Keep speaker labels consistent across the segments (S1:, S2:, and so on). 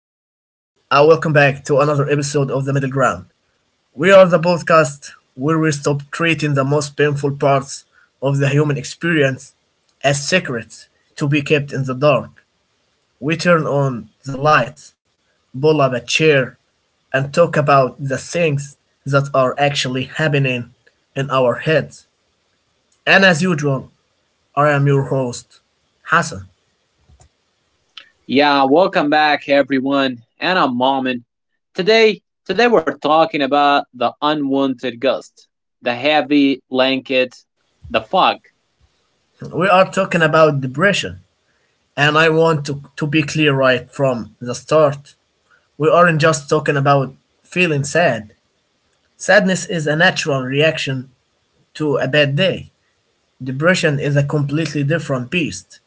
S1: and welcome back to another episode of The Middle Ground. We are the podcast where we stop treating the most painful parts of the human experience as secrets to be kept in the dark. We turn on the lights, pull up a chair, and talk about the things that are actually happening in our heads. And as usual, I am your host, Hassan.
S2: Yeah, welcome back everyone. And I'm Marmin. Today we're talking about the unwanted ghost, the heavy blanket, the fog.
S1: We are talking about depression, and I want to be clear right from the start. We aren't just talking about feeling sad. Sadness is a natural reaction to a bad day. Depression is a completely different beast.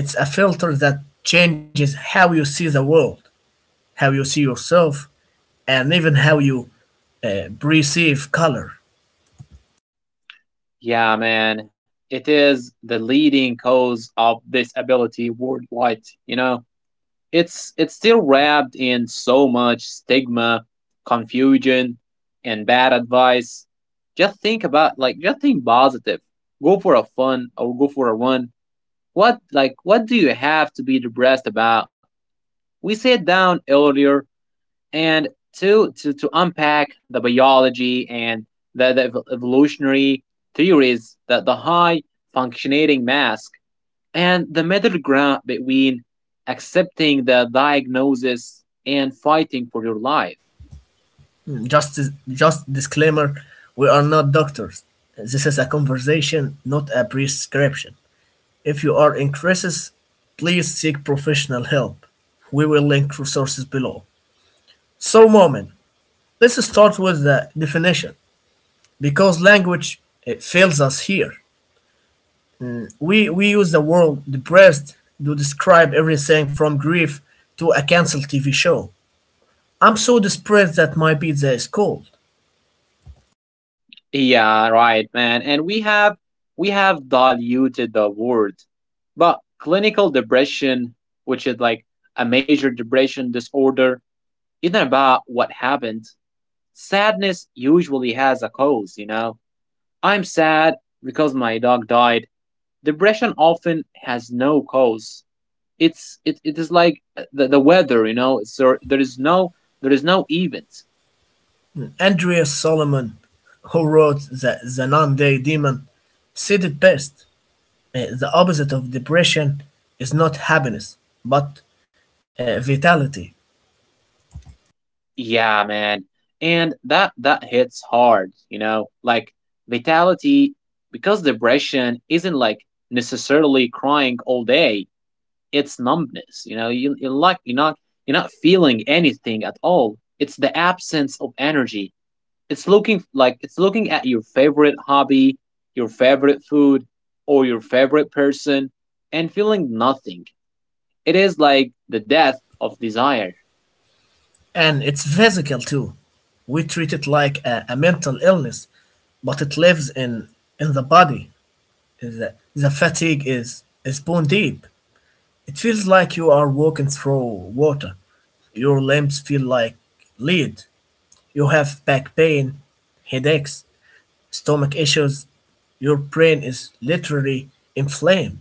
S1: It's a filter that changes how you see the world, how you see yourself, and even how you perceive color.
S2: Yeah, man. It is the leading cause of disability worldwide, you know. It's still wrapped in so much stigma, confusion, and bad advice. Just think about just think positive. Go for a fun or go for a run. What what do you have to be depressed about? We sat down earlier and to unpack the biology and the evolutionary theories, that the high functioning mask, and the middle ground between accepting the diagnosis and fighting for your life.
S1: Hmm, Just, just disclaimer, we are not doctors. This is a conversation, not a prescription. If you are in crisis, please seek professional help. We will link resources below. So, Moment, let's start with the definition because language, it fails us here. We use the word depressed to describe everything from grief to a canceled TV show. I'm so depressed that my pizza is cold.
S2: Yeah, right, man. And we have diluted the word. But clinical depression, which is like a major depression disorder, isn't about what happened. Sadness usually has a cause, you know. I'm sad because my dog died. Depression often has no cause. It is like the weather, you know. So there is no event.
S1: Andreas Solomon, who wrote the Non Day Demon, said it best. The opposite of depression is not happiness, but vitality.
S2: Yeah, man. And that hits hard, you know? Like vitality, because depression isn't like necessarily crying all day. It's numbness, you know? You're not feeling anything at all. It's the absence of energy. It's looking at your favorite hobby, your favorite food, or your favorite person and feeling nothing. It is like the death of desire.
S1: And it's physical too. We treat it like a mental illness, but it lives in the body. The fatigue is bone deep. It feels like you are walking through water. Your limbs feel like lead. You have back pain, headaches, stomach issues. Your brain is literally inflamed.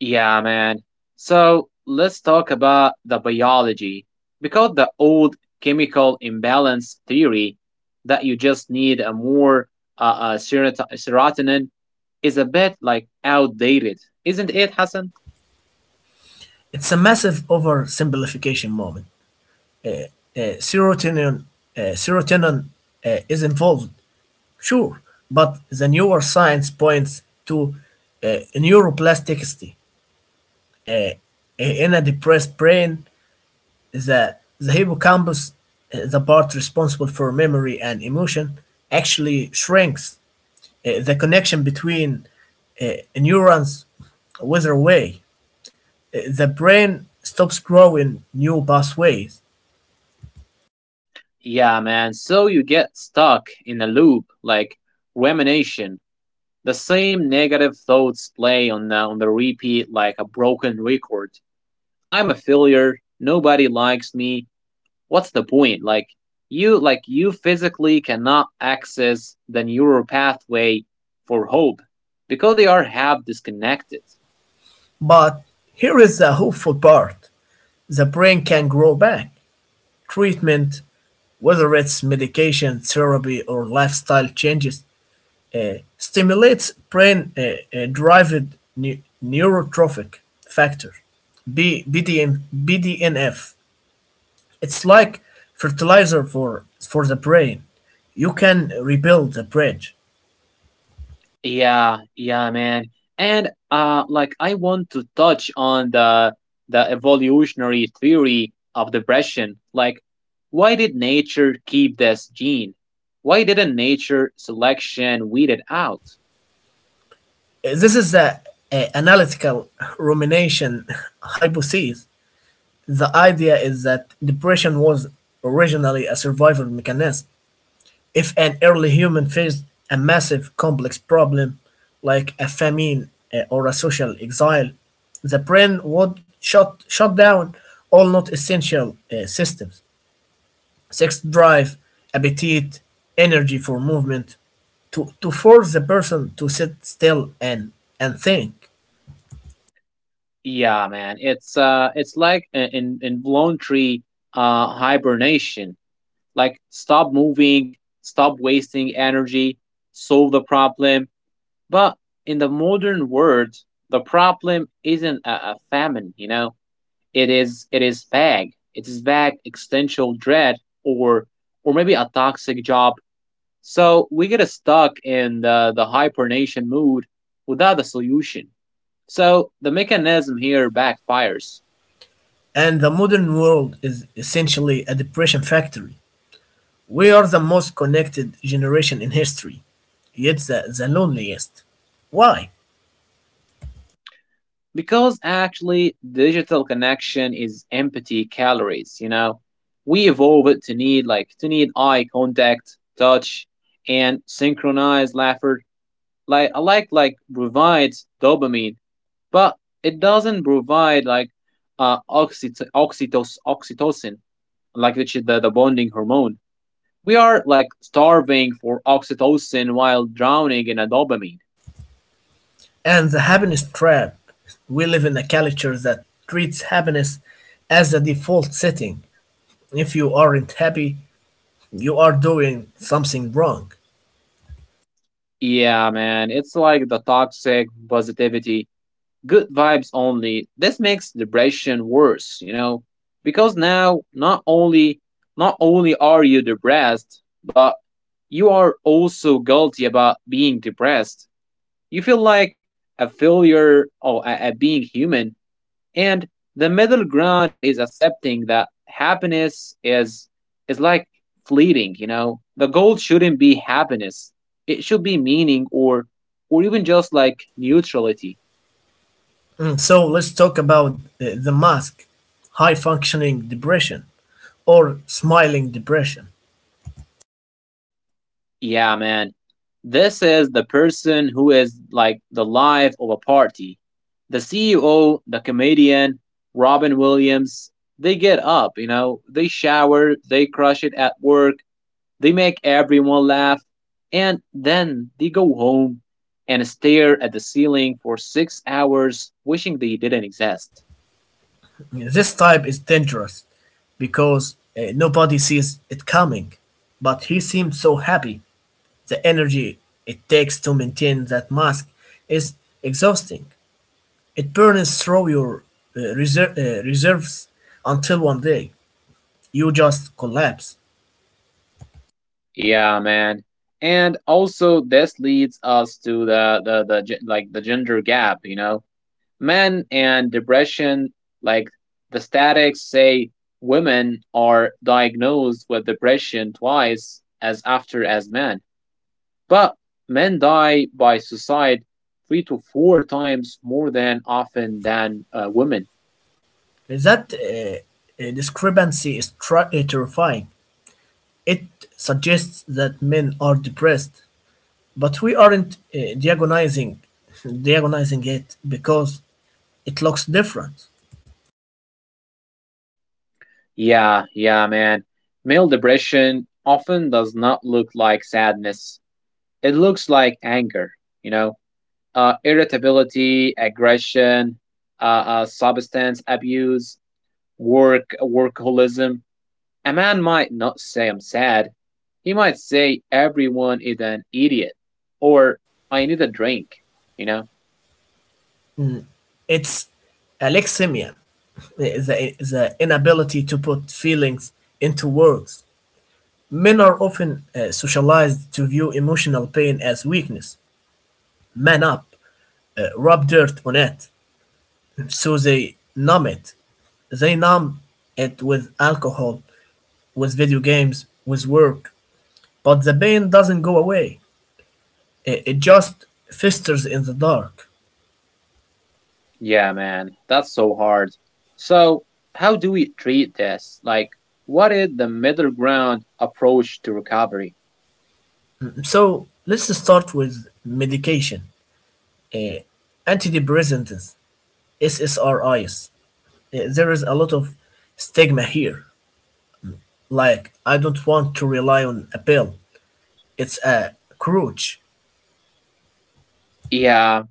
S2: Yeah, man. So let's talk about the biology, because the old chemical imbalance theory that you just need a more serotonin is a bit like outdated, isn't it, Hassan?
S1: It's a massive oversimplification, moment. Uh, serotonin, Serotonin is involved, sure, but the newer science points to neuroplasticity. Uh, in a depressed brain, the hippocampus, the part responsible for memory and emotion, actually shrinks. The connection between neurons withers away. The brain stops growing new pathways.
S2: Yeah, man. So you get stuck in a loop like rumination. The same negative thoughts play on the repeat like a broken record. I'm a failure. Nobody likes me. What's the point? You physically cannot access the neural pathway for hope because they are half disconnected.
S1: But here is the hopeful part: the brain can grow back. Treatment, whether it's medication, therapy, or lifestyle changes, stimulates brain derived neurotrophic factor, BDNF. It's like fertilizer for the brain. You can rebuild the bridge.
S2: Yeah, yeah, man. And like I want to touch on the evolutionary theory of depression. Like why did nature keep this gene? Why didn't nature selection weed it out?
S1: This is the analytical rumination hypothesis. The idea is that depression was originally a survival mechanism. If an early human faced a massive complex problem like a famine or a social exile, the brain would shut down all not essential systems: sex drive, appetite, energy for movement, to force the person to sit still and think.
S2: Yeah, man. It's like an involuntary hibernation. Like stop moving, stop wasting energy, solve the problem. But in the modern world, the problem isn't a famine, you know. It is vague existential dread or or maybe a toxic job. So we get stuck in the hibernation mood without a solution. So the mechanism here backfires.
S1: And the modern world is essentially a depression factory. We are the most connected generation in history, yet the loneliest. Why?
S2: Because actually, digital connection is empty calories, you know? We evolve it to need eye contact, touch, and synchronized laughter. Like I like provides dopamine, but it doesn't provide like oxytocin, which is the bonding hormone. We are like starving for oxytocin while drowning in a dopamine.
S1: And the happiness trap. We live in a culture that treats happiness as the default setting. If you aren't happy, you are doing something wrong.
S2: Yeah, man, it's like the toxic positivity, good vibes only. This makes depression worse, you know, because now not only not only are you depressed, but you are also guilty about being depressed. You feel like a failure or at being human, and the middle ground is accepting that happiness is like fleeting, you know. The goal shouldn't be happiness, it should be meaning, or even just like neutrality.
S1: So let's talk about the mask, high functioning depression, or smiling depression.
S2: Yeah, man, this is the person who is like the life of a party, the CEO, the comedian, Robin Williams. They get up, you know, they shower, they crush it at work. They make everyone laugh, and then they go home and stare at the ceiling for 6 hours, wishing they didn't exist.
S1: This type is dangerous because nobody sees it coming, but he seemed so happy. The energy it takes to maintain that mask is exhausting. It burns through your reserves until one day you just collapse.
S2: Yeah, man. And also, this leads us to the gender gap. You know, men and depression. Like the statics say, women are diagnosed with depression twice as after as men. But men die by suicide three to four times more than often than women.
S1: That discrepancy is terrifying. It suggests that men are depressed, but we aren't diagonizing, diagonizing it because it looks different.
S2: Yeah, yeah, man. Male depression often does not look like sadness. It looks like anger, you know, irritability, aggression, substance abuse, workaholism. A man might not say I'm sad. He might say everyone is an idiot, or I need a drink, you know.
S1: It's alexithymia, the inability to put feelings into words. Men are often socialized to view emotional pain as weakness. Man up, rub dirt on it. So they numb it. They numb it with alcohol, with video games, with work. But the pain doesn't go away, it just festers in the dark.
S2: Yeah, man, that's so hard. So, how do we treat this? Like, what is the middle ground approach to recovery?
S1: So let's start with medication. Uh, Antidepressants, SSRIs. There is a lot of stigma here. Like, I don't want to rely on a pill. It's a crutch.
S2: Yeah,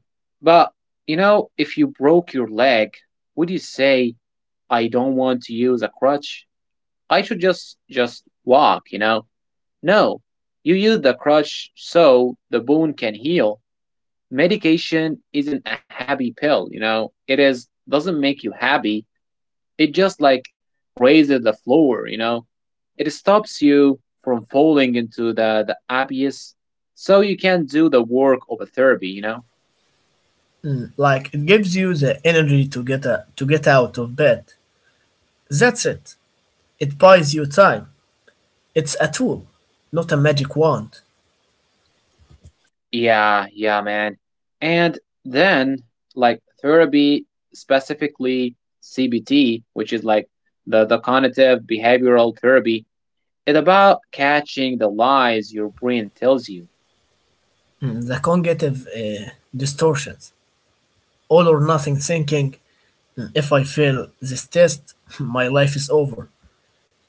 S2: but you know, if you broke your leg, would you say, I don't want to use a crutch? I should just walk, you know? No, you use the crutch so the bone can heal. Medication isn't a happy pill, you know? It is, doesn't make you happy. It just like raises the floor, you know? It stops you from falling into the abyss, so you can do the work of a therapy, you know?
S1: Like it gives you the energy to get out of bed. That's it. It buys you time. It's a tool, not a magic wand.
S2: Yeah, yeah, man. And then, like, therapy, specifically CBT, which is like the cognitive behavioral therapy, is about catching the lies your brain tells you.
S1: The cognitive distortions, all or nothing thinking. If I fail this test, my life is over.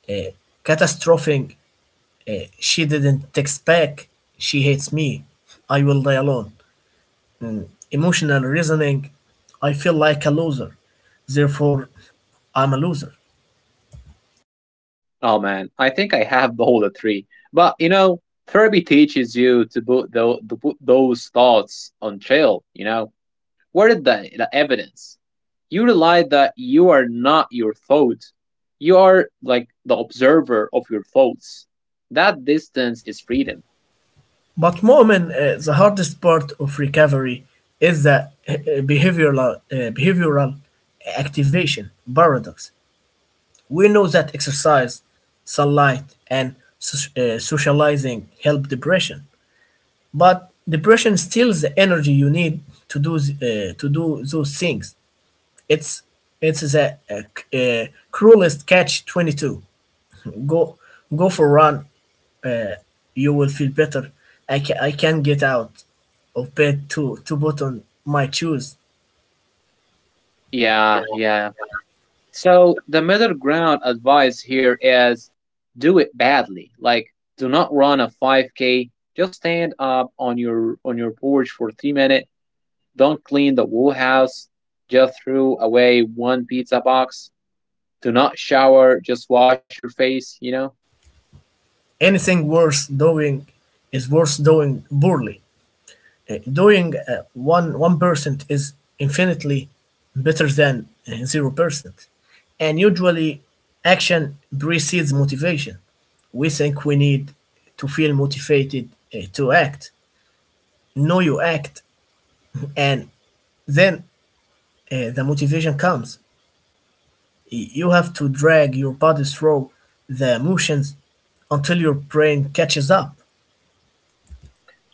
S1: Uh, Catastrophing. She didn't text back. She hates me. I will die alone. Mm. Emotional reasoning: I feel like a loser, therefore, I'm a loser.
S2: Oh man, I think I have all the three. But you know, therapy teaches you to put those thoughts on chill. You know, where did the evidence? You realize that you are not your thought. You are like the observer of your thoughts. That distance is freedom.
S1: But, Mu'min, the hardest part of recovery is the behavioral activation paradox. We know that exercise, sunlight, and socializing help depression, but depression steals the energy you need to do those things. It's, it's the cruelest catch 22. Go go for a run. Uh, you will feel better. I can't get out of bed to put on my shoes.
S2: Yeah, yeah. So the middle ground advice here is do it badly. Like do not run a 5K. Just stand up on your porch for 3 minutes. Don't clean the whole house. Just throw away one pizza box. Do not shower. Just wash your face. You know.
S1: Anything worth doing is worth doing poorly. Doing one one percent is infinitely better than zero percent. And usually, action precedes motivation. We think we need to feel motivated to act. No, you act, and then the motivation comes. You have to drag your body through the motions until your brain catches up.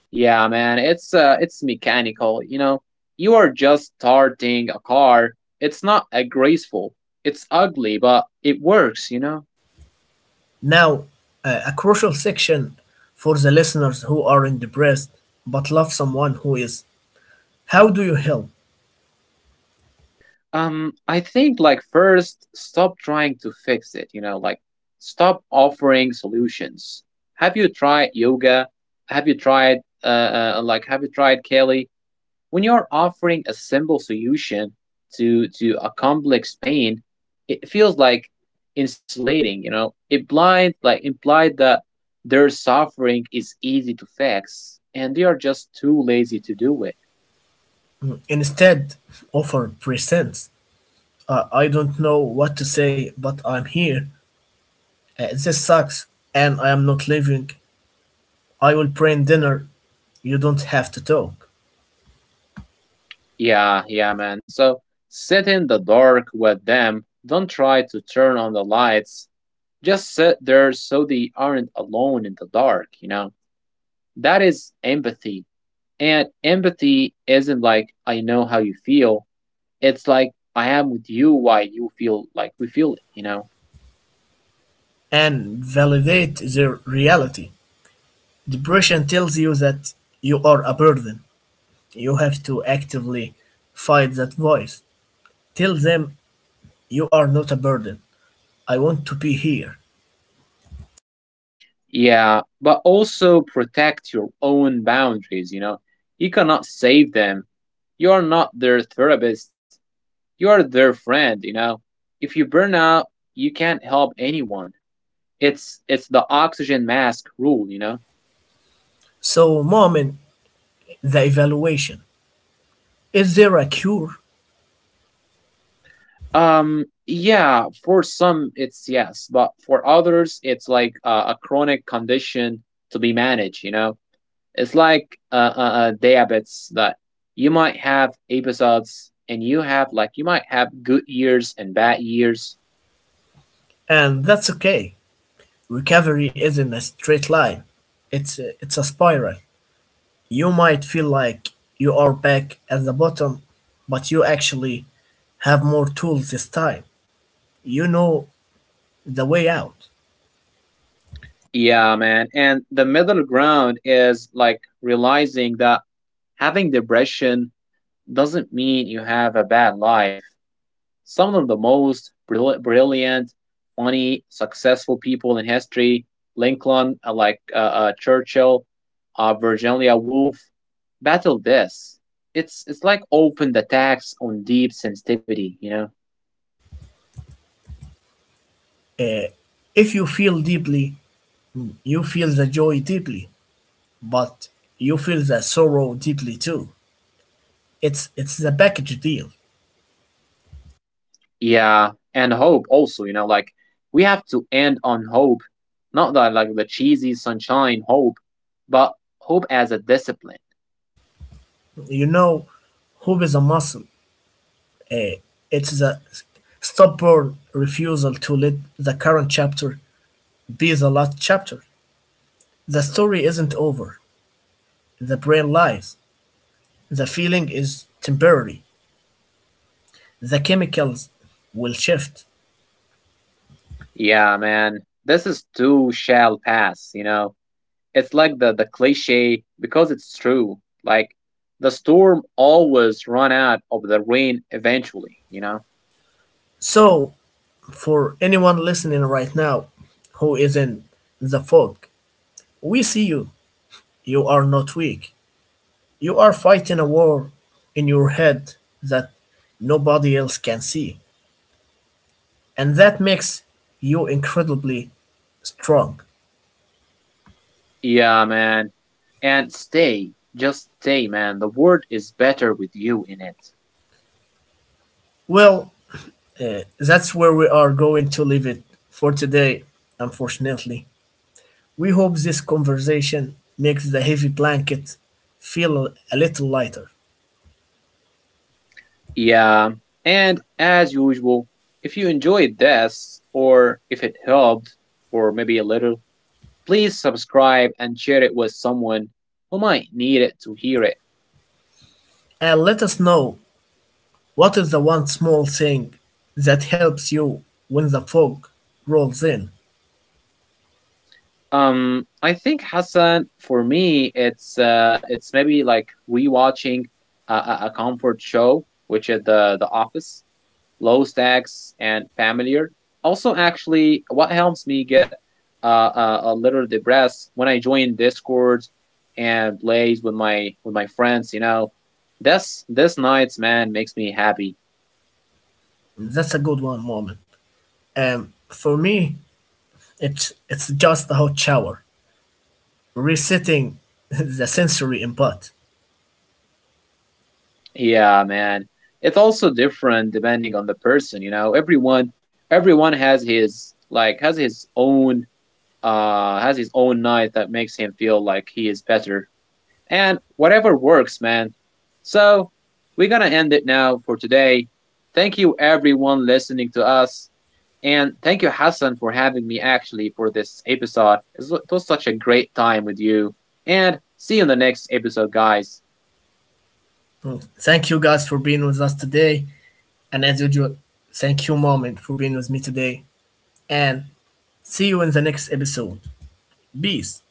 S2: Yeah, man. It's mechanical. You know. You are just starting a car. It's not a graceful. It's ugly, but it works. You know.
S1: Now, a crucial section for the listeners who aren't depressed but love someone who is. How do you help?
S2: I think first, stop trying to fix it. You know, like stop offering solutions. Have you tried yoga? Have you tried have you tried Kelly? When you're offering a simple solution to a complex pain, it feels like insulating. You know, it blind like implied that their suffering is easy to fix, and they are just too lazy to do it.
S1: Instead, offer presents. I don't know what to say, but I'm here. This sucks, and I am not leaving. I will bring dinner, you don't have to talk.
S2: Yeah, yeah, man. So sit in the dark with them. Don't try to turn on the lights. Just sit there so they aren't alone in the dark. You know, that is empathy. And empathy isn't like I know how you feel. It's like I am with you while you feel like we feel it, you know?
S1: And validate their reality. Depression tells you that you are a burden. You have to actively fight that voice. Tell them you are not a burden. I want to be here.
S2: Yeah, but also protect your own boundaries, you know? You cannot save them. You are not their therapist, you are their friend, you know? If you burn out, you can't help anyone. It's the oxygen mask rule, you know?
S1: So, mom, in the evaluation, is there a cure?
S2: Yeah, for some it's yes, but for others it's like a chronic condition to be managed, you know? It's like diabetes, that you might have episodes, and you might have good years and bad years.
S1: And that's okay. Recovery isn't a straight line, it's a spiral. You might feel like you are back at the bottom, but you actually have more tools this time. You know the way out.
S2: Yeah, man. And the middle ground is like realizing that having depression doesn't mean you have a bad life. Some of the most brilliant, funny, successful people in history, Lincoln, Churchill, Virginia Woolf, battled this. It's like open attacks on deep sensitivity, you know.
S1: Uh, if you feel deeply, you feel the joy deeply, but you feel the sorrow deeply too. It's the package deal.
S2: Yeah, and hope also, you know, like we have to end on hope, not that like the cheesy sunshine hope, but hope as a discipline.
S1: You know, hope is a muscle. Eh, it's the stubborn refusal to let the current chapter be the last chapter. The story isn't over. The brain lies. The feeling is temporary. The chemicals will shift.
S2: Yeah, man, this is too shall pass, you know. It's like the cliche because it's true. Like the storm always run out of the rain eventually, you know?
S1: So, for anyone listening right now who is in the fog, we see you. You are not weak. You are fighting a war in your head that nobody else can see, and that makes you incredibly strong.
S2: Yeah, man. And just stay, man. The world is better with you in it.
S1: Well, that's where we are going to leave it for today, unfortunately. We hope this conversation makes the heavy blanket feel a little lighter.
S2: Yeah. And as usual, if you enjoyed this, or if it helped or maybe a little, please subscribe and share it with someone who might need it to hear it.
S1: And let us know, what is the one small thing that helps you when the fog rolls in?
S2: I think Hassan, for me, it's maybe like rewatching a comfort show, which is The Office, low stakes and familiar. Also, actually, what helps me get a little depressed when I join Discord and plays with my friends. You know, this nights man makes me happy.
S1: That's a good one, moment. For me, it's just a hot shower, resetting the sensory input.
S2: Yeah, man. It's also different depending on the person, you know. Everyone has his like has his own night that makes him feel like he is better. And whatever works, man. So, we're going to end it now for today. Thank you everyone listening to us, and thank you Hassan for having me actually for this episode. It was such a great time with you. And see you in the next episode, guys.
S1: Mm. Thank you guys for being with us today, and as usual, thank you, Moment, for being with me today, and see you in the next episode. Peace.